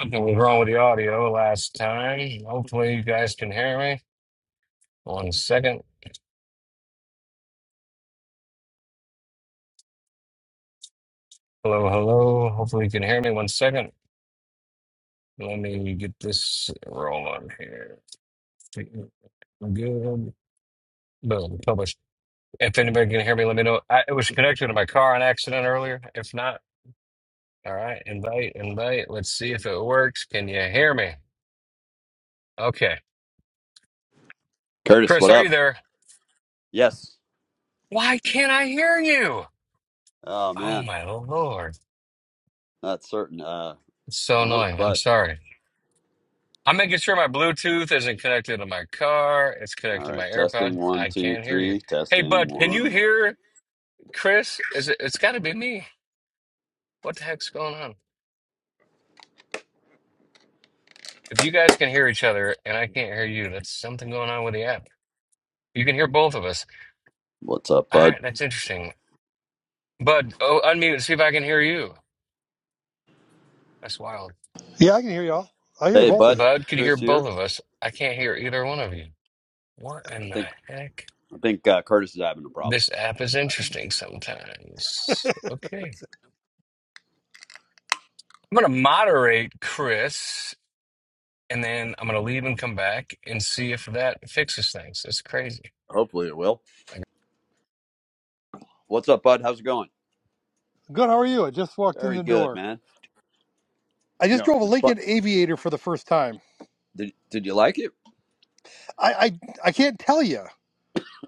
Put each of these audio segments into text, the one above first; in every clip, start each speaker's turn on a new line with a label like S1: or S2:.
S1: Something was wrong with the audio last time. Hopefully, you guys can hear me. One second. Hello, hello. Hopefully, you can hear me. One second. Let me get this rolling here. Good. Boom. Publish. If anybody can hear me, let me know. I, it was connected to my car on accident earlier. If not, all right. Invite, invite. Let's see if it works. Can you hear me? Okay.
S2: Curtis,
S1: Chris,
S2: what
S1: are you
S2: up?
S1: there?
S2: Yes.
S1: Why can't I hear you?
S2: Oh
S1: Oh,
S2: man,
S1: my Lord.
S2: not certain. Uh,
S1: It's so
S2: promote
S1: annoying. I'm
S2: Bud.
S1: sorry. I'm making sure my Bluetooth isn't connected to my car. It's
S2: All
S1: connected to my
S2: right, testing
S1: AirPod.
S2: one,
S1: I
S2: two,
S1: can't hear you.
S2: three.
S1: Hey,
S2: Testing
S1: bud, can you
S2: one.
S1: hear Chris? Is it? It's got to be me. What the heck's going on? If you guys can hear each other and I can't hear you, that's something going on with the app. You can hear both of us.
S2: What's up,
S1: All
S2: Bud?
S1: right, that's interesting. Bud, oh, unmute and see if I can hear you. That's wild.
S3: Yeah, I can hear y'all. I hear you
S2: Hey,
S3: both of
S2: Bud.
S3: you.
S1: Bud, could you hear
S2: Chris here.
S1: both of us? I can't hear either one of you. What
S2: I
S1: in the
S2: think
S1: heck?
S2: I think uh, Curtis is having a problem.
S1: This app is interesting sometimes. Okay. I'm going to moderate Chris, and then I'm going to leave and come back and see if that fixes things. It's crazy.
S2: Hopefully, it will.
S1: Like,
S2: What's up, Bud? How's it going?
S3: Good. How are you? I just walked in
S2: Very
S3: the
S2: good,
S3: door.
S2: man.
S3: I
S2: You
S3: just
S2: know,
S3: drove a
S2: it's fun.
S3: Lincoln Aviator for the first time.
S2: Did Did you like it?
S3: I I, I can't tell you.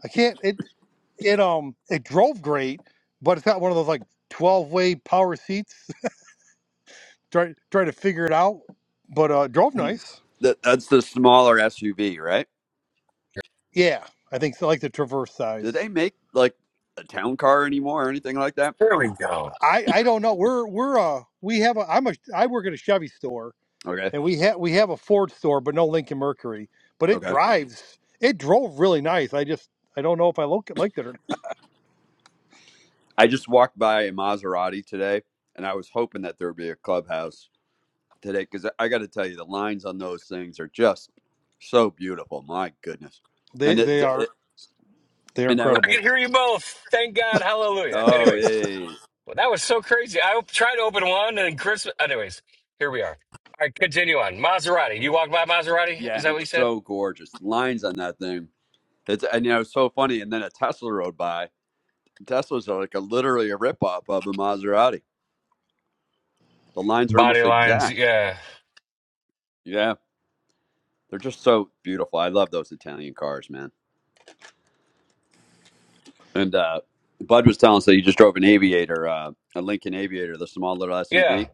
S3: I can't. It it um it drove great, but it's got one of those like twelve way power seats. try try to figure it out, but uh, drove nice.
S2: That, that's the smaller SUV, right?
S3: Yeah, I think so. Like the Traverse
S2: Do
S3: size.
S2: they make like a town car anymore or anything like that?
S1: there we go.
S3: I I don't know. We're we're uh we have a I'm a I work at a Chevy store
S2: Okay.
S3: and we have we have a Ford store, but no Lincoln Mercury. But it
S2: Okay.
S3: drives. It drove really nice. I just I don't know if I look liked it or not.
S2: I just walked by a Maserati today, and I was hoping that there'd be a clubhouse today because I got to tell you, the lines on those things are just so beautiful. My goodness,
S3: they
S2: and it,
S3: they are
S2: it
S3: they are
S2: and I went,
S1: I
S3: incredible.
S1: can hear you both. Thank God. Hallelujah.
S2: oh yeah,
S1: Anyways,
S2: yeah, yeah,
S1: well, that was so crazy. I tried to open one, and Chris. Anyways, here we are. All right, continue on. Maserati. You walked by Maserati?
S2: yeah,"
S1: Is
S2: and
S1: that
S2: it
S1: what you
S2: was
S1: said?
S2: so gorgeous. Lines on that thing, it's and you know, it was so funny. And then a Tesla rode by. Teslas are like a literally a ripoff of the Maserati. The lines are
S1: Body
S2: almost
S1: lines.
S2: exact.
S1: Yeah.
S2: Yeah, they're just so beautiful. I love those Italian cars, man. And uh, Bud was telling us that he just drove an Aviator, uh, a Lincoln Aviator, the small little
S1: Yeah.
S2: SUV,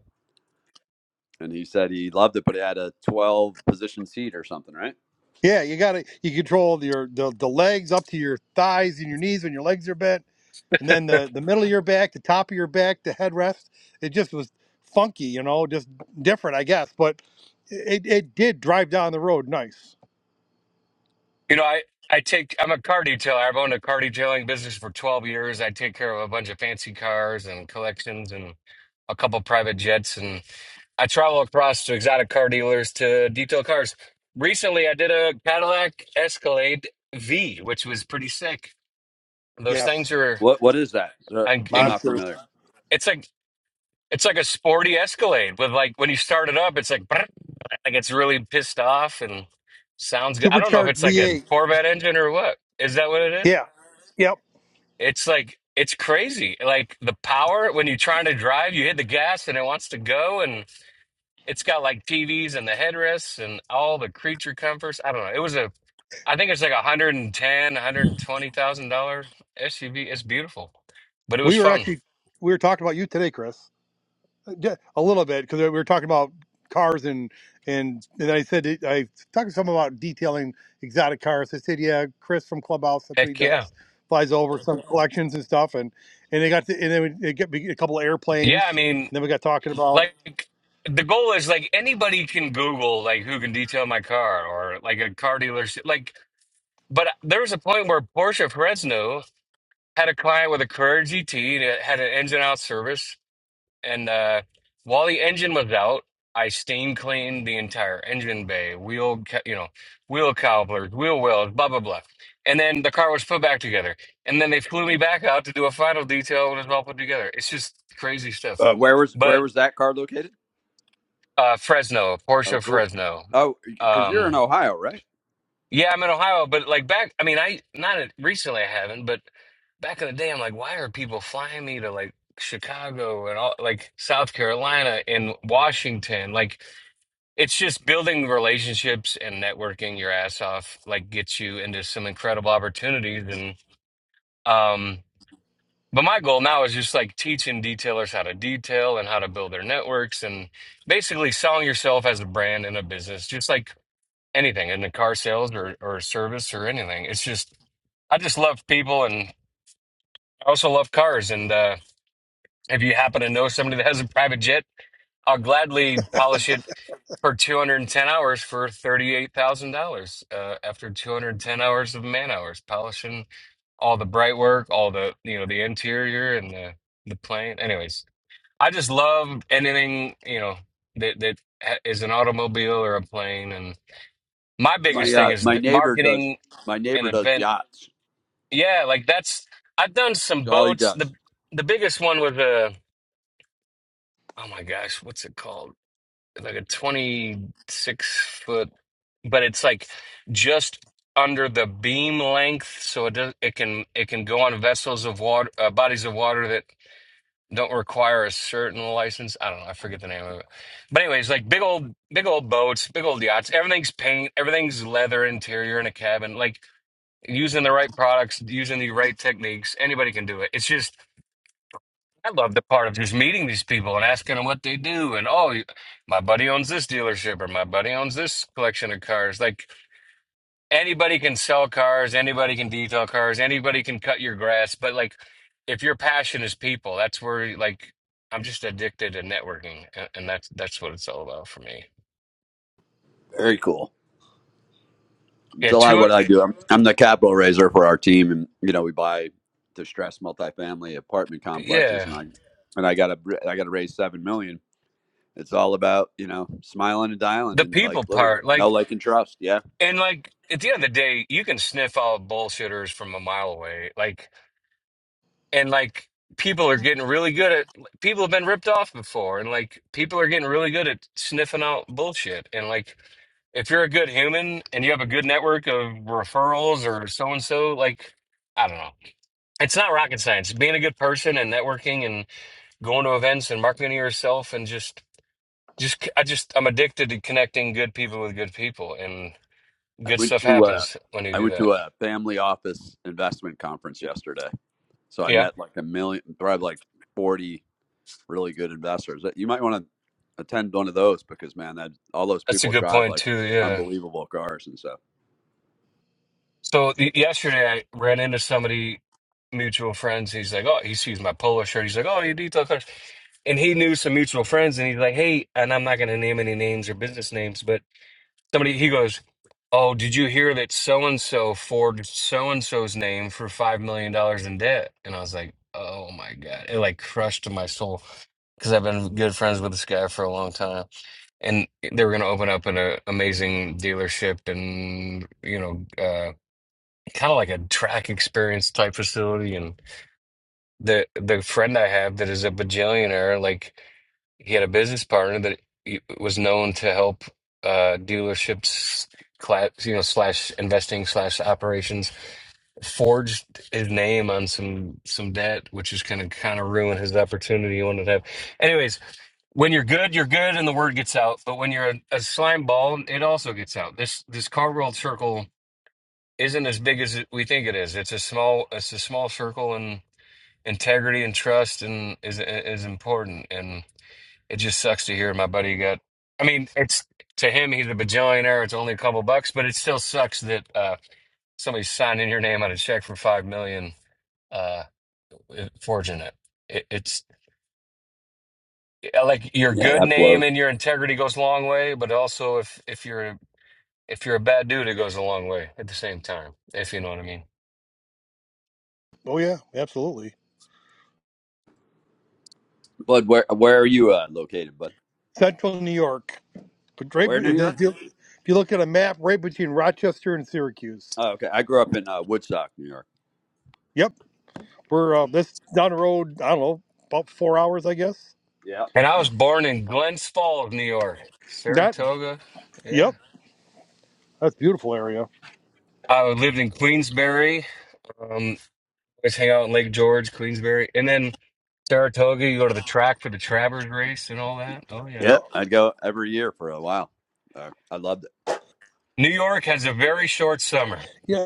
S2: and he said he loved it, but it had a 12 position seat or something, right?
S3: Yeah, you got to you control your the, the legs up to your thighs and your knees when your legs are bent, and then the the middle of your back, the top of your back, the headrest. It just was funky, you know, just different, I guess. But it it did drive down the road nice.
S1: You know, I. I take. I'm a car detailer. I've owned a car detailing business for 12 years. I take care of a bunch of fancy cars and collections, and a couple private jets, and I travel across to exotic car dealers to detail cars. Recently, I did a Cadillac Escalade V, which was pretty sick. Those things
S3: Yes,
S1: are,
S2: What What is that? Is that-
S1: and,
S2: I'm
S1: and
S2: not
S3: monsters,
S2: familiar.
S1: it's like it's like a sporty Escalade with like when you start it up, it's like brrr, like it's really pissed off and sounds good. I don't know if
S3: supercharged
S1: it's like a
S3: V8.
S1: Corvette engine or what. Is that what it is?
S3: Yeah, yep.
S1: It's like it's crazy. Like the power when you're trying to drive, you hit the gas and it wants to go, and. It's got like TVs and the headrests and all the creature comforts. I don't know. It was a, I think it's like a hundred and ten, a hundred and twenty thousand dollar SUV. It's beautiful, but it was
S3: We were
S1: fun.
S3: actually we were talking about you today, Chris, uh, Ju- a little bit because we were talking about cars and and and I said it- I talked to someone about detailing exotic cars. I said, yeah, Chris from Clubhouse, that's what he
S1: Heck yeah,
S3: does. Flies over some collections and stuff, and and they got to, and then we they get a couple of
S1: yeah. I
S3: airplanes,
S1: mean,
S3: and then we got talking about
S1: like the goal is like anybody can Google like who can detail my car or like a car dealership. Like, but there was a point where Porsche Fresno had a client with a Courage GT that had an engine out service And uh, while the engine was out, I steam cleaned the entire engine bay, wheel, ca- you know, wheel cobblers, wheel wells, blah blah blah. And then the car was put back together. And then they flew me back out to do a final detail when it was all put together. It's just crazy stuff.
S2: Uh, where was Where
S1: But
S2: was that car located?
S1: uh, Fresno,
S2: Oh,
S1: Porsche
S2: cool.
S1: Fresno.
S2: Oh, because you're
S1: Um,
S2: in Ohio, right?
S1: yeah, I'm in Ohio, but like back, I mean, I not at- recently I haven't, but back in the day, I'm like, why are people flying me to like Chicago and all like South Carolina and Washington? Like, it's just building relationships and networking your ass off, like, gets you into some incredible opportunities. And, um, but my goal now is just like teaching detailers how to detail and how to build their networks and basically selling yourself as a brand and a business, just like anything in the car sales or, or service or anything. It's just, I just love people and I also love cars. And uh, if you happen to know somebody that has a private jet, I'll gladly polish it for 210 hours for $38,000 uh, after 210 hours of man hours, polishing all the bright work, all the, you know, the interior and the, the plane. Anyways, I just love anything, you know, that, that ha- is an automobile or a plane. And my
S2: My
S1: biggest thing
S2: uh,
S1: is
S2: my
S1: th-
S2: neighbor does.
S1: marketing
S2: My
S1: an
S2: neighbor does
S1: event.
S2: yachts.
S1: Yeah, like that's I've done some
S2: That's all he
S1: boats. The
S2: does.
S1: the biggest one was a oh my gosh, what's it called? Like a 26 foot, but it's like just under the beam length, so it does, it can it can go on vessels of water, uh, bodies of water that don't require a certain license. I don't know, I forget the name of it. But anyways, like big old big old boats, big old yachts. Everything's paint, everything's leather interior in a cabin. Like using the right products, using the right techniques, anybody can do it. It's just I love the part of just meeting these people and asking them what they do, and oh, you- my buddy owns this dealership or my buddy owns this collection of cars. Like anybody can sell cars, anybody can detail cars, anybody can cut your grass, but like if your passion is people, that's where like I'm just addicted to networking, a- and that's that's what it's all about for me.
S2: Very cool.
S1: Yeah,
S2: So a lot of
S1: two,
S2: what I do, I'm, I'm the capital raiser for our team, and you know we buy distressed multifamily apartment complexes,
S1: yeah,
S2: and I and I got to I got to raise seven million. It's all about you know smiling and dialing,
S1: the
S2: and
S1: people
S2: like literally
S1: part,
S2: no
S1: like.
S2: like and trust. Yeah,
S1: And like at the end of the day, you can sniff out bullshitters from a mile away. Like and like people are getting really good at like, people have been ripped off before and like people are getting really good at sniffing out bullshit. And like if you're a good human and you have a good network of referrals or so and so, like I don't know. It's not rocket science. Being a good person and networking and going to events and marketing yourself and just just I just I'm addicted to connecting good people with good people and
S2: I
S1: good
S2: went
S1: stuff
S2: to uh,
S1: happens when you
S2: I
S1: do
S2: went
S1: that.
S2: to a family office investment conference yesterday, so I
S1: Yeah,
S2: met like a million, probably like forty really good investors. You might want to attend one of those because man, that all those
S1: that's a
S2: people
S1: good
S2: drive
S1: point
S2: like
S1: too. Yeah.
S2: unbelievable cars and stuff.
S1: So y- yesterday I ran into somebody, mutual friends. He's like, "Oh, he sees my polo shirt." He's like, "Oh, you detail cars," and he knew some mutual friends, and he's like, "Hey," and I'm not going to name any names or business names, but somebody he goes, "Oh, did you hear that so and so forged so and so's name for five million dollars in debt?" And I was like, "Oh my god!" It like crushed my soul because I've been good friends with this guy for a long time. and they were going to open up an uh, amazing dealership and you know uh, kind of like a track experience type facility and the the friend I have that is a bajillionaire like he had a business partner that he- was known to help uh, dealerships, cla you know, slash investing, slash operations, forged his name on some some debt, which is kind of kind of ruin his opportunity he wanted to have. Anyways, when you're good, you're good, and the word gets out. But when you're a, a slime ball, it also gets out. This this car world circle isn't as big as it- we think it is. It's a small it's a small circle, and integrity and trust and is is important. It just sucks to hear my buddy got. I mean, it's to him, he's a bajillionaire. It's only a couple bucks, but it still sucks that uh, somebody's signing your name on a check for five million, uh, forging it. it. It's uh, like your
S2: Yeah,
S1: good
S2: that blows.
S1: name and your integrity goes a long way, but also if if you're if you're a bad dude, it goes a long way at the same time. If you know what I mean.
S3: oh yeah, absolutely
S2: Bud, where where are you uh, located, Bud?
S3: Central New York, but right
S2: Where in New York?
S3: if you, if you look at a map, right between Rochester and Syracuse.
S2: Oh, okay. I grew up in uh, Woodstock, New York.
S3: Yep, we're uh, this down the road. I don't know about four hours, I guess
S2: Yeah.
S1: And I was born in Glens Falls, New York,
S3: That,
S1: Saratoga. Yeah,
S3: yep, that's a beautiful area.
S1: I lived in Queensbury. Um, always hang out in Lake George, Queensbury, and then Saratoga, you go to the track for the Travers race and all that. Oh yeah.
S2: Yeah.
S3: Oh,
S2: I'd go every year for a while. Uh, I loved it.
S1: New York has a very short summer.
S3: Yeah,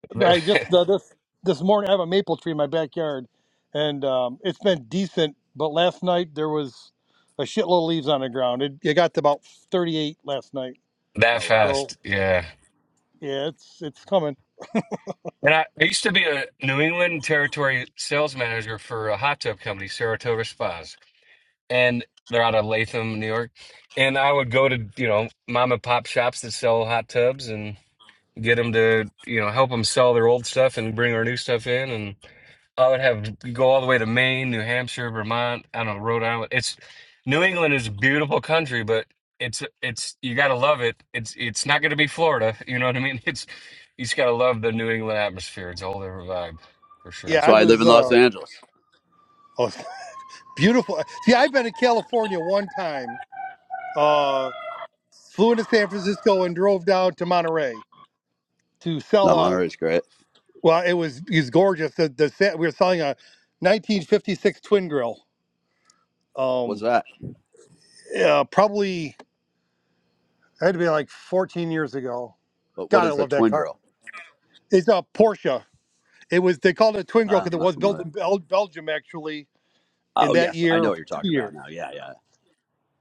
S3: I just uh,
S1: that
S3: this this morning I have a maple tree in my backyard, and um, it's been decent. But last night there was a shitload of leaves on the ground. It, it got to about thirty eight last night.
S2: Oh wow.
S3: So
S1: fast. Yeah.
S3: yeah, it's it's coming.
S1: And I, I used to be a New England territory sales manager for a hot tub company, Saratoga Spas. And they're out of Latham, New York. And I would go to, you know, mom and pop shops that sell hot tubs and. get them to you know help them sell their old stuff and bring our new stuff in and i would have go all the way to maine new hampshire vermont i don't know rhode island it's new england is a beautiful country but it's it's you gotta love it it's it's not gonna be florida you know what i mean it's you just gotta love the new england atmosphere it's a whole different vibe for
S3: Yeah,
S1: sure
S2: That's
S3: I
S2: why I live
S3: was
S2: in Los
S3: uh,
S2: Angeles.
S3: oh, beautiful. See, I've been in California one time. Uh, flew into San Francisco and drove down to Monterey to sell.
S2: No,
S3: a.
S2: Monterey's great.
S3: Well, it was he's gorgeous. The, the set we were selling a 1956 twin grill.
S2: What's
S3: Um,
S2: that?
S3: uh, probably it had to be like 14 years ago.
S2: But what
S3: God, I
S2: is a
S3: love that
S2: twin
S3: car.
S2: drill?
S3: It's a Porsche. It was they called it a twin grill because
S2: I'm
S3: it
S2: not
S3: was built
S2: familiar.
S3: in Bel- Belgium actually in
S2: Oh
S3: that
S2: yes, I
S3: year
S2: know
S3: or
S2: what
S3: for
S2: you're
S3: two
S2: talking about
S3: years.
S2: now. Yeah, yeah.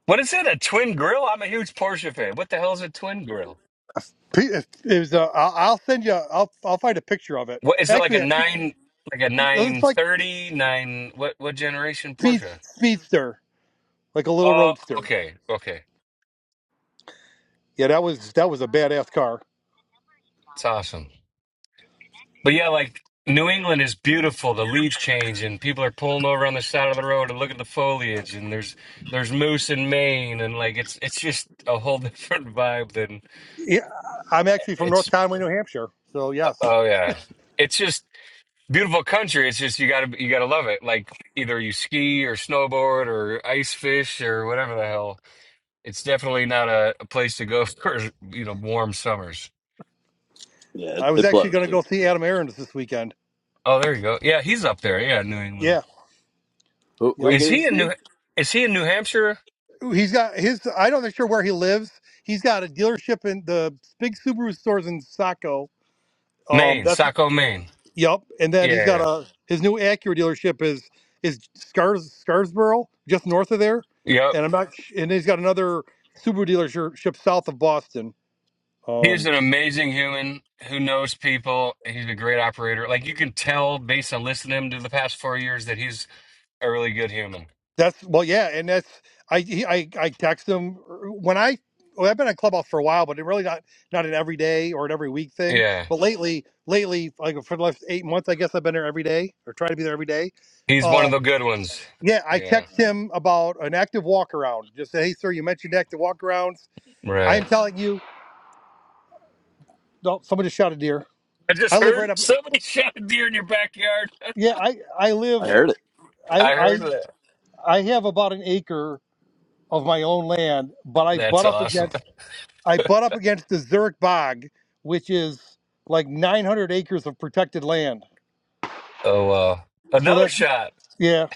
S1: what is it a twin grill i'm a huge porsche fan what the hell is a twin grill
S3: P- It was. Uh, I'll I'll send you. I'll I'll find a picture of it.
S1: what is it like a
S3: Actually, I think
S1: nine like a nine
S3: it's like
S1: thirty nine? what what generation
S3: speed
S1: porsche
S3: speedster, like a little
S1: oh
S3: roadster.
S1: okay okay
S3: Yeah, that was that was a badass car.
S1: It's awesome. But yeah, like New England is beautiful. The leaves change and people are pulling over on the side of the road and look at the foliage and there's there's moose in Maine and like it's it's just a whole different vibe than
S3: Yeah, I'm actually from North
S1: it's
S3: Conway, New Hampshire. So
S1: uh,
S3: yes.
S1: oh yeah. It's just beautiful country. It's just you got to you got to love it. Like either you ski or snowboard or ice fish or whatever the hell. It's definitely not a, a place to go for, you know, warm summers.
S2: Yeah, it,
S3: I was
S2: it
S3: actually
S2: blows,
S3: going to
S2: dude.
S3: go see Adam Aaron's this weekend.
S1: Oh, there you go. Yeah, he's up there. Yeah, New England.
S3: Yeah.
S2: Who, who are
S3: Yep.
S2: you
S1: Is
S2: gonna
S1: he in New
S2: see?
S1: is he in New Hampshire?
S3: He's got his. I don't know sure where he lives. He's got a dealership in the big Subaru stores in Saco. Um.
S1: Maine,
S3: That's
S1: Saco, Maine.
S3: yep. And then he's got
S1: Yeah.
S3: a his new Acura dealership is is Scars Scarsboro, just north of there.
S1: Yep.
S3: And I'm not. sh- And he's got another Subaru dealership south of Boston.
S1: He's
S3: Um.
S1: an amazing human who knows people. He's a great operator. Like you can tell based on listening to him to the past four years that he's a really good human.
S3: That's well, yeah, and that's I he- I I text him when I well, I've been on Clubhouse for a while, but it really not not an everyday or an every week thing.
S1: Yeah.
S3: But lately, lately, like for the last eight months, I guess I've been there every day or try to be there every day.
S1: He's one of the
S3: Um,
S1: good ones.
S3: yeah, I
S1: Yeah.
S3: text him about an active walk around. Just say, hey, sir, you mentioned active walk arounds. I am
S1: Right.
S3: telling you, no, someone just shot a deer.
S1: I just
S3: I live
S1: heard
S3: right up.
S1: somebody shot a deer in your backyard.
S3: Yeah, I I live.
S2: I heard it.
S3: I
S1: I heard
S3: I
S1: that.
S3: I have about an acre of my own land, but I
S1: That's
S3: butt up
S1: awesome.
S3: against I butt up against the Zurich Bog, which is like 900 acres of protected land.
S1: Oh wow.
S3: So
S1: Another
S3: that's
S1: shot.
S3: yeah.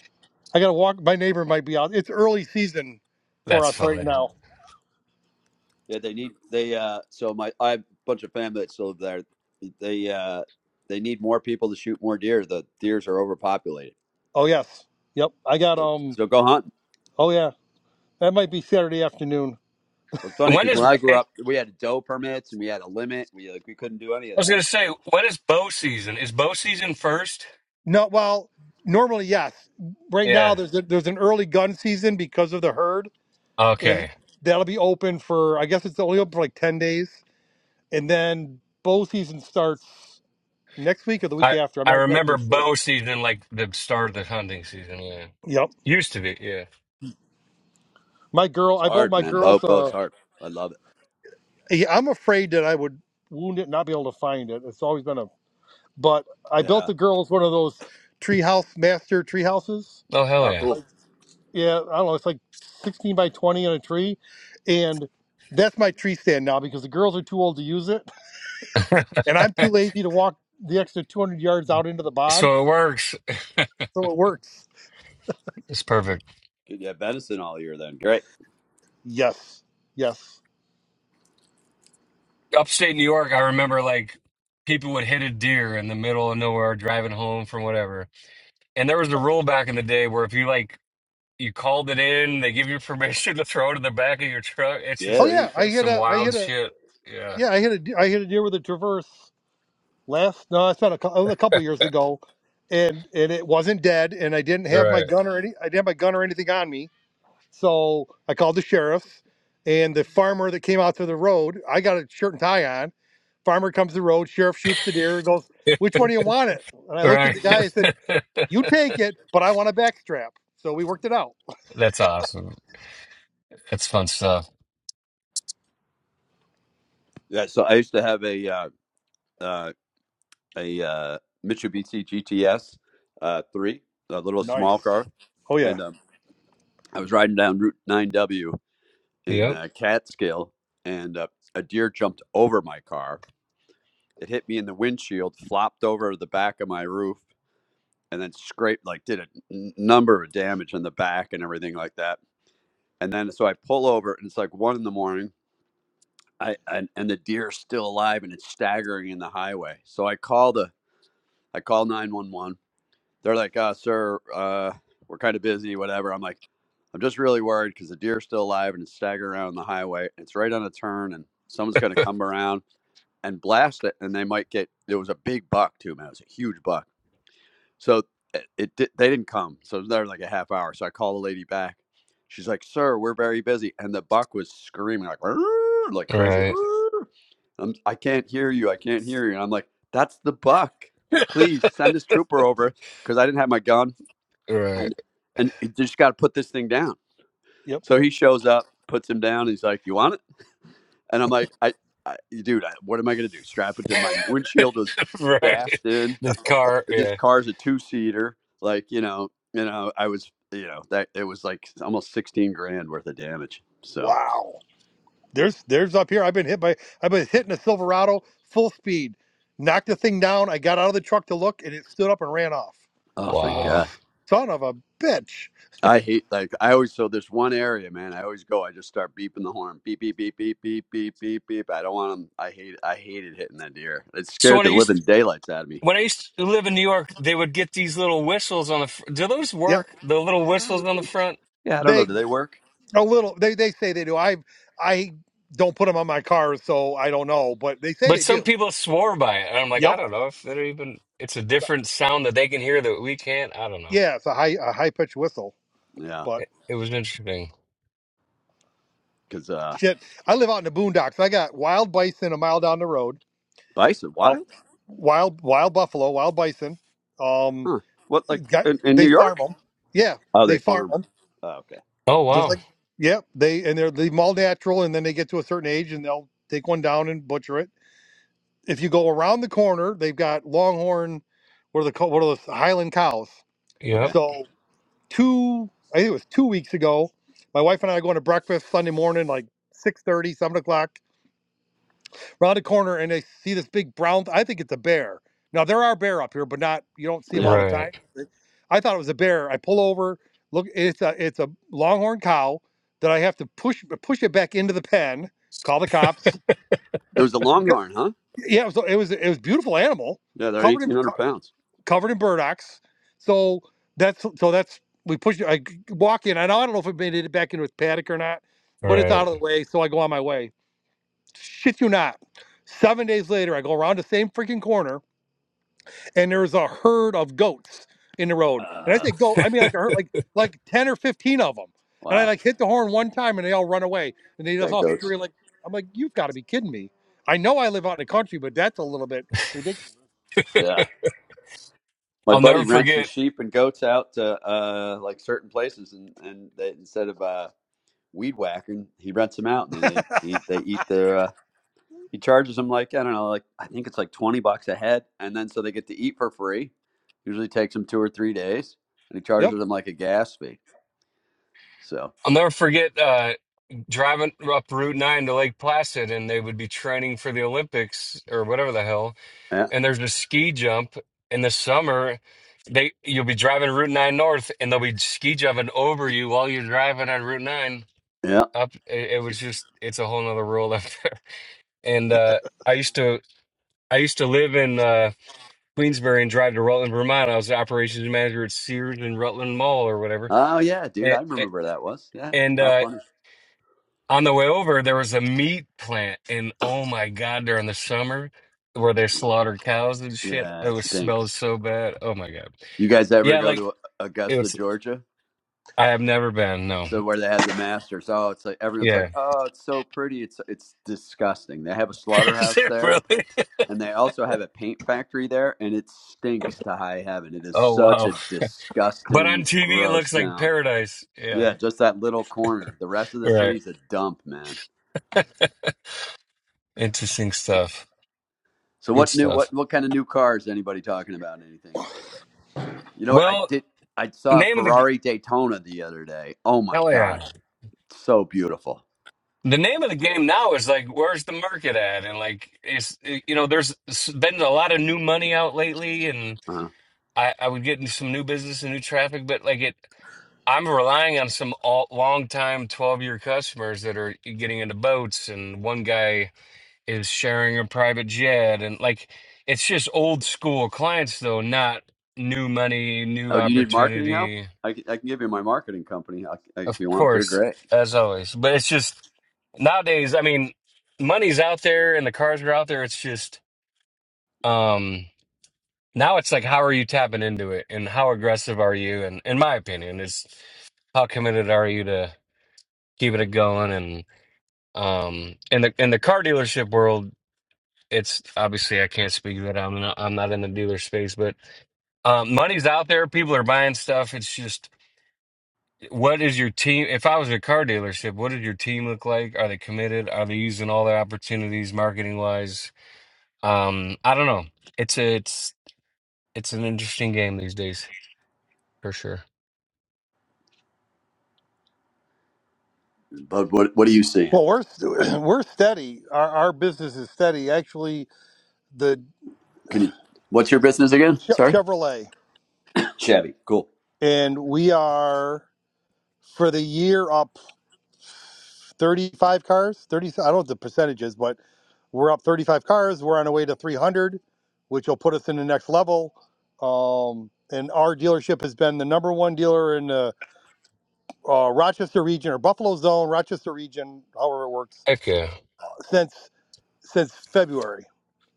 S3: I gotta walk. My neighbor might be out. It's early season for
S1: That's
S3: us right
S1: funny.
S3: now.
S2: Yeah, they need they uh so my I have a bunch of family that still live there. They uh they need more people to shoot more deer. The deers are overpopulated
S3: Oh yes. Yep. I got
S2: So,
S3: um.
S2: so go hunting.
S3: Oh yeah. That might be Saturday afternoon.
S2: Well, it's funny
S1: When
S2: because
S1: is
S2: when I grew
S1: and
S2: up, we had doe permits and we had a limit. We like we couldn't do any
S1: I
S2: of
S1: was
S2: that.
S1: gonna say, when is bow season? Is bow season first?
S3: No. Well, normally yes. Right
S1: Yeah.
S3: now there's a, there's an early gun season because of the herd, and
S1: Okay.
S3: that'll be open for I guess it's only open for like 10 days, and then bow season starts next week or the week
S1: I
S3: after. I'm
S1: I
S3: not
S1: remember
S3: exactly sure.
S1: bow season like the start of the hunting season. Yeah,
S3: Yep.
S1: used to be. Yeah.
S3: My girl,
S2: It's
S3: I bought
S2: hard,
S3: my
S2: man. Bow,
S3: girl's
S2: bow's
S3: uh,
S2: hard. I love it.
S3: Yeah, I'm afraid that I would wound it, and not be able to find it. It's always been a. But I built
S2: Yeah.
S3: the girls one of those. treehouse master treehouses.
S1: Oh hell
S2: Oh,
S1: yeah.
S2: cool.
S3: Like, yeah, I don't know. It's like sixteen by twenty in a tree, and That's my tree stand now, because the girls are too old to use it, and I'm too lazy. to walk the extra two hundred yards out into the bog.
S1: So it works.
S3: so it works.
S1: It's perfect.
S2: Good. Yeah, venison all year then. Great.
S3: Yes, yes.
S1: Upstate New York, I remember like people would hit a deer in the middle of nowhere driving home from whatever. And there was a rule back in the day where if you like you called it in, they give you permission to throw it in the back of your truck. It's
S2: Yeah,
S3: Oh
S1: just
S2: they
S3: yeah,
S2: didn't
S3: I
S2: care.
S3: hit
S1: some
S3: a, I
S1: wild
S3: hit a,
S1: shit. Yeah.
S3: yeah, I hit a, I hit a deer with a traverse last no it's been a, cou- a couple years ago and and it wasn't dead and i didn't have my
S1: Right.
S3: gun or any i didn't have my gun or anything on me so i called the sheriff's and the farmer that came out to the road i got a shirt and tie on farmer comes to the road sheriff shoots the deer and goes which one do you want it and i looked at
S1: Right.
S3: the guy I said you take it but i want a back strap so we worked it out
S1: That's awesome. That's fun stuff.
S2: Yeah. So I used to have a uh, uh, a uh, Mitsubishi GTS uh, three, a little small
S3: Nice.
S2: car,
S3: oh yeah
S2: and um, I was riding down Route nine W in
S1: Yep.
S2: uh, Catskill, and uh, a deer jumped over my car. It hit me in the windshield, flopped over the back of my roof, and then scraped like did a n- number of damage on the back and everything like that and then so i pull over and it's like one in the morning i and, and the deer's still alive and it's staggering in the highway so i call the i call 911 they're like uh sir uh we're kind of busy whatever i'm like i'm just really worried because the deer's still alive and it's staggering around the highway it's right on a turn and someone's going to come around and blast it and they might get it was a big buck too man it was a huge buck So it, it di- they didn't come. So it was there like a half hour. So I called the lady back. She's like, "Sir, we're very busy," and the buck was screaming like "Rrrr," like crazy. like,
S1: Right.
S2: "Rrrr." I'm, I can't hear you. I can't hear you. And I'm like, "That's the buck. Please send his trooper over because I didn't have my gun
S1: Right,
S2: and and you just got to put this thing down."
S3: yep
S2: So he shows up, puts him down. He's like, "You want it?" And I'm like, "I, I dude, I, what am I gonna do? Strap it to my windshield was
S1: right.
S2: bashed in."
S1: The car,
S2: this
S1: yeah.
S2: car's a two seater. Like, you know, you know, I was, you know, that it was like almost 16 grand worth of damage. So,
S3: Wow. There's there's up here. I've been hit by I've been hitting a Silverado full speed, knocked the thing down. I got out of the truck to look, and it stood up and ran off.
S2: oh,
S3: So I'm
S2: thank
S3: going,
S1: Wow.
S2: God.
S3: son of a bitch.
S2: I hate, like, I always, so there's one area, man, I always go, I just start beeping the horn. Beep, beep, beep, beep, beep, beep, beep, beep. I don't want them. I hate, I hated hitting that deer. It
S1: So
S2: scared
S1: when I
S2: the
S1: used
S2: living daylights out of me.
S1: when I used to live in New York, they would get these little whistles on the. Fr- Do those
S3: Yep,
S1: work? The little
S2: I don't
S1: whistles
S2: know.
S1: on the front.
S2: Yeah, I don't know.
S3: they
S2: Do they work?
S3: a little. They they say they do. I I don't put them on my car, so I don't know, but they say
S1: But
S3: they
S1: some
S3: do.
S1: people swore by it, and I'm like, I
S3: Yep.
S1: don't know if they're even. It's a different sound that they can hear that we can't. I don't know.
S3: Yeah, it's a high a high pitched whistle,
S2: Yeah.
S3: but
S1: It, it was interesting.
S2: Cause, uh,
S3: shit. I live out in the boondocks. I got wild bison a mile down the road.
S2: bison
S3: Um,
S2: wild?
S3: wild wild buffalo, wild bison. Um.
S2: Huh. What, like
S3: Got-
S2: in, in
S3: They
S2: New
S3: farm
S2: York?
S3: them. Yeah,
S2: Oh,
S3: they
S2: they
S3: farm
S2: farm 'em.
S3: them.
S2: Oh, okay.
S1: Oh
S3: Just
S1: wow.
S3: like yeah, they and they're they them all natural, and then they get to a certain age, and they'll take one down and butcher it. If you go around the corner, they've got Longhorn, what are the co- what are the Highland cows?
S1: Yep.
S2: Okay.
S3: So two, I think it was two weeks ago, my wife and I are going to breakfast Sunday morning, like six thirty, seven o'clock round a corner and I see this big brown. I think it's a bear. Now there are bear up here, but not you don't see them
S2: Yeah.
S3: all the time.
S1: Right.
S3: I thought it was a bear. I pull over, look. It's a it's a longhorn cow that I have to push push it back into the pen. Call the cops.
S2: It was a longhorn, huh?
S3: Yeah, so it was it was a beautiful animal
S2: Yeah, they're
S3: covered in
S2: eighteen
S3: co-
S2: hundred pounds.
S3: covered in burdocks. So that's so that's we push. I g- walk in. I don't I don't know if it made it back into its paddock or not, but it's
S1: Right.
S3: out of the way. So I go on my way. Shit you not. Seven days later, I go around the same freaking corner, and there's a herd of goats in the road. And I
S2: Uh,
S3: say goat, I mean like a herd, like like ten or fifteen of them. And I
S2: Wow,
S3: like hit the horn one time, and they all run away, and they just
S2: that
S3: all
S2: goats.
S3: scream like, "I'm like, you've got to be kidding me! I know I live out in the country, but that's a little bit ridiculous."
S2: Yeah, my
S1: I'll
S2: buddy
S1: never
S2: rents his
S1: forget.
S2: sheep and goats out to uh, like certain places, and and they, instead of uh, weed whacking, he rents them out, and they they they eat their. Uh, he charges them like I don't know, like I think it's like twenty bucks a head, and then so they get to eat for free. Usually takes them two or three days, and he
S3: Yep.
S2: charges them like a gas fee. So
S1: I'll never forget. Uh, driving up Route Nine to Lake Placid, and they would be training for the Olympics or whatever the hell
S2: yeah,
S1: and there's a ski jump in the summer. They you'll be driving Route Nine North, and they'll be ski jumping over you while you're driving on Route Nine
S2: yeah.
S1: up. It, it was just it's a whole nother world up there. And uh, I used to I used to live in uh, Queensbury and drive to Rutland, Vermont. I was the operations manager at Sears and Rutland Mall or whatever.
S2: Oh yeah, dude,
S1: And
S2: I remember that was yeah.
S1: and
S2: How
S1: uh,
S2: funny.
S1: on the way over, there was a meat plant, and oh my god, during the summer. Where they slaughtered cows and shit.
S2: Yeah,
S1: It
S2: it
S1: was smelled
S2: stinks.
S1: so bad. Oh my god.
S2: You guys ever
S1: Yeah,
S2: go
S1: like
S2: to
S1: it
S2: Augusta,
S1: was.
S2: Georgia?
S1: I have never been. No.
S2: So where they had the Masters? Oh, it's like everyone's
S1: Yeah.
S2: like, oh, it's so pretty. It's it's disgusting. They have a
S1: Is
S2: slaughterhouse
S1: it
S2: there,
S1: really?
S2: and they also have a paint factory there, and it stinks to high heaven. It is
S1: Oh
S2: such
S1: wow.
S2: a
S1: But on
S2: disgusting,
S1: TV, it
S2: gross
S1: looks like
S2: town.
S1: paradise. Yeah.
S2: Yeah, just that little corner. The rest of the
S1: Right.
S2: city's a dump, man.
S1: Interesting stuff.
S2: So
S1: Good
S2: what new
S1: stuff.
S2: what what kind of new cars anybody talking about? Anything? You know what I
S1: Well,
S2: did? I saw a
S1: name of the g-
S2: Ferrari Daytona the other day. Oh my
S1: hell yeah.
S2: god, so beautiful.
S1: The name of the game now is like, where's the market at? And like, it's you know, there's been a lot of new money out lately, and I I would get into some new business and new traffic, but like it. I'm relying on some all, long time 12 year customers that are getting into boats and one guy is sharing a private jet and like it's just old school clients though not new money new
S2: Oh, do you need marketing help?
S1: opportunity
S2: I c- I can give you my marketing company I, I- if
S1: of
S2: you want. They're
S1: course
S2: great.
S1: as always but it's just nowadays i mean money's out there and the cars are out there it's just um now it's like how are you tapping into it and how aggressive are you and in my opinion it's how committed are you to keeping it going and um in the in the car dealership world it's obviously i can't speak to that i'm not i'm not in the dealer space but Um, money's out there. People are buying stuff. It's just, what is your team? If I was a car dealership, what did your team look like? Are they committed? Are they using all their opportunities marketing wise? Um, I don't know. It's a, it's it's an interesting game these days for sure.
S2: But what what are you seeing?
S3: Well, we're we're steady. Our our business is steady. Actually, the
S2: Can you? What's your business again?
S3: Che-
S2: Sorry.
S3: Chevrolet,
S2: Chevy. Cool.
S3: and we are for the year up 35 cars 30 i don't know what the percentage is but we're up 35 cars we're on our way to 300 which will put us in the next level um, and our dealership has been the number one dealer in the uh, rochester region or buffalo zone rochester region however it works
S1: Heck yeah!
S3: since since february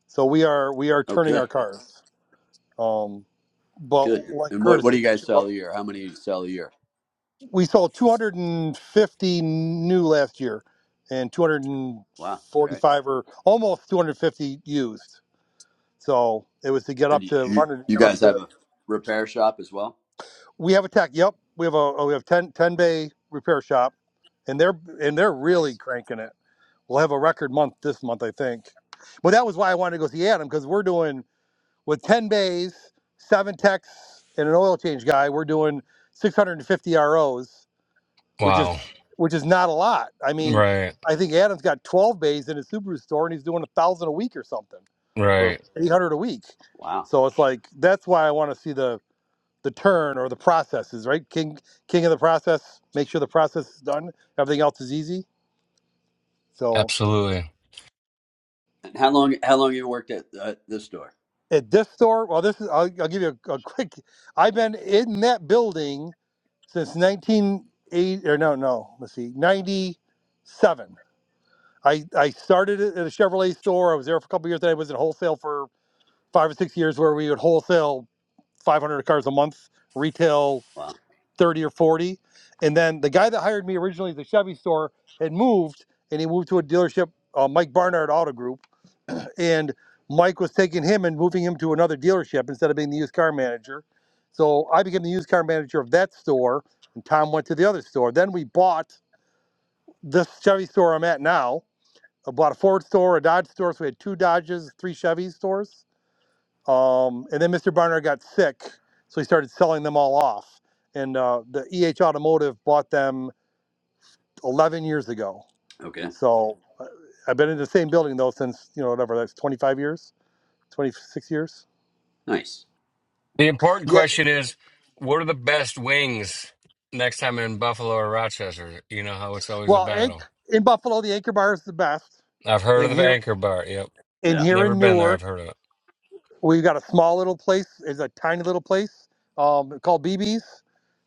S3: so we are we are
S2: Oh,
S3: turning
S2: good.
S3: our cars um, but
S2: Good.
S3: like
S2: And what
S3: curtis
S2: what do
S3: said,
S2: you
S3: make
S2: guys
S3: sure
S2: sell a year? How many you sell a year?
S3: we sold 250 new last year and
S2: Wow. Great.
S3: 245 or almost 250 used so it was to get
S2: And
S3: up
S2: you,
S3: to
S2: you
S3: wanted to
S2: you
S3: get up
S2: guys
S3: to
S2: have a repair shop as well?
S3: we have a tech yep we have a oh, we have 10 10 bay repair shop and they're and they're really
S2: Nice.
S3: cranking it we'll have a record month this month i think but that was why i wanted to go see adam because we're doing with 10 bays seven techs and an oil change guy we're doing 650 ros which
S1: Wow.
S3: is which is not a lot. I mean,
S1: Right.
S3: I think Adam's got 12 bays in his Subaru store, and he's doing a thousand a week or something, or
S1: Right.
S3: 800 a week.
S2: Wow.
S3: So it's like that's why I want to see the the turn or the processes, right? King king of the process. Make sure the process is done. Everything else is easy. So
S1: Absolutely.
S2: And how long how long you worked at uh, this store?
S3: at this store, well, this is I'll, I'll give you a, a quick. I've been in that building since 1980 or no, no, let's see, 97. I I started at a Chevrolet store. I was there for a couple of years. Then I was in wholesale for five or six years, where we would wholesale 500 cars a month, retail
S2: Wow.
S3: 30 or 40. And then the guy that hired me originally at the Chevy store had moved, and he moved to a dealership, uh, Mike Barnard Auto Group, and Mike was taking him and moving him to another dealership instead of being the used car manager. So I became the used car manager of that store, and Tom went to the other store. Then we bought this Chevy store I'm at now I bought a Ford store, a Dodge store, so we had two Dodges, three Chevy stores. Um, and then Mr. Barnard got sick, so he started selling them all off. And uh, the EH Automotive bought them 11 years ago.
S2: Okay.
S3: So uh, I've been in the same building though since you know whatever that's 25 years, 26 years.
S2: Nice.
S1: The important
S3: Yeah.
S1: question is, what are the best wings next time in Buffalo or Rochester? You know how it's always a
S3: Well, in,
S1: battle.
S3: in Buffalo, the Anchor Bar is the best.
S1: I've heard
S3: And
S1: of the
S3: here,
S1: Anchor Bar. Yep.
S3: and
S2: Yeah.
S3: here
S1: Never
S3: in
S1: been there. I've
S3: Newark,
S1: heard of it.
S3: we've got a small little place. It's a tiny little place um, called BB's.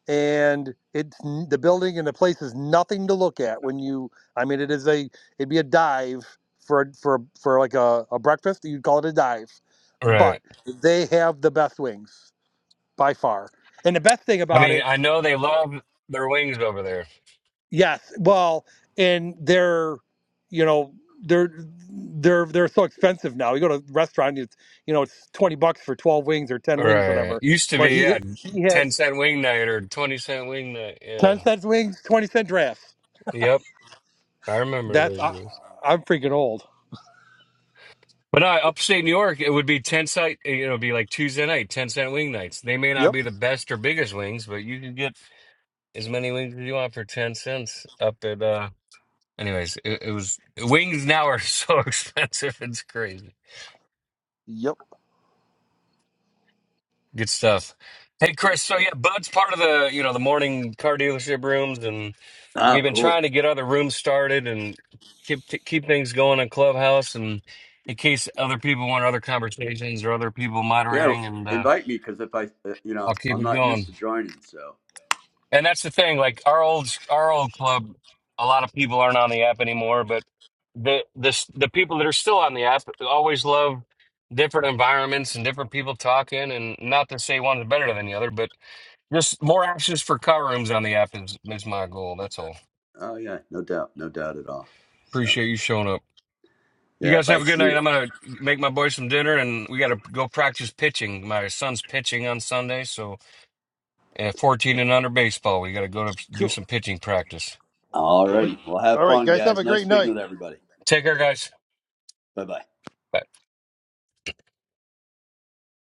S3: and it's the building and the place is nothing to look at when you i mean it is a it'd be a dive for for for like a, a breakfast you'd call it a dive but
S1: Right.
S3: they have the best wings by far and the best thing
S1: I
S3: about
S1: mean,
S3: it
S1: I know they love their wings over there.
S3: yes well and they're you know they're they're they're so expensive now you go to a restaurant it's you know it's 20 bucks for 12 wings or 10 wings
S1: Right.
S3: whatever
S1: Used to
S3: but
S1: be, yeah,
S3: he he
S1: 10
S3: has
S1: cent wing night or 20 cent wing night. Yeah.
S3: 10 cents wings 20 cent drafts
S1: Yep. I remember
S3: That's
S1: those
S3: I,
S1: days.
S3: I'm freaking old.
S1: But no, upstate New York, it would be 10 cent, you know, it'd be like Tuesday night, 10 cent wing nights. They may not
S3: Yep.
S1: be the best or biggest wings, but you can get as many wings as you want for 10 cents up at, uh, anyways, it, it was, wings now are so expensive. It's crazy.
S3: Yep.
S1: Good stuff. Hey, Chris. So yeah, Bud's part of the you know the morning car dealership rooms, and
S2: Ah,
S1: we've been
S2: cool.
S1: trying to get other rooms started and keep keep things going in Clubhouse, and in case other people want other conversations or other people
S2: Yeah.
S1: moderating, and uh,
S2: Invite me because if I uh, you
S1: I'll
S2: know
S1: keep
S2: I'm
S1: it
S2: not used
S1: going.
S2: to joining, so
S1: And that's the thing, like our old our old club, a lot of people aren't on the app anymore, but the this the people that are still on the app always love different environments and different people talking, and not to say one's better than the other, but just more access for car rooms on the app is, is my goal. That's all.
S2: Oh yeah, no doubt, no doubt at all. So
S1: Appreciate you showing up. You
S2: yeah,
S1: guys
S2: if I
S1: have a good
S2: see
S1: night.
S2: it.
S1: I'm gonna make my boys some dinner, and we gotta go practice pitching. My son's pitching on Sunday, so uh, 14 and under baseball. We gotta go to do
S3: Cool.
S1: some pitching practice.
S3: Cool.
S2: Alrighty. Well have
S3: All right,
S2: fun
S3: guys. Have
S2: guys.
S3: a
S2: Nice
S3: great
S2: speaking
S3: night.
S2: with everybody.
S1: Take care, guys.
S2: Bye bye.
S1: Bye.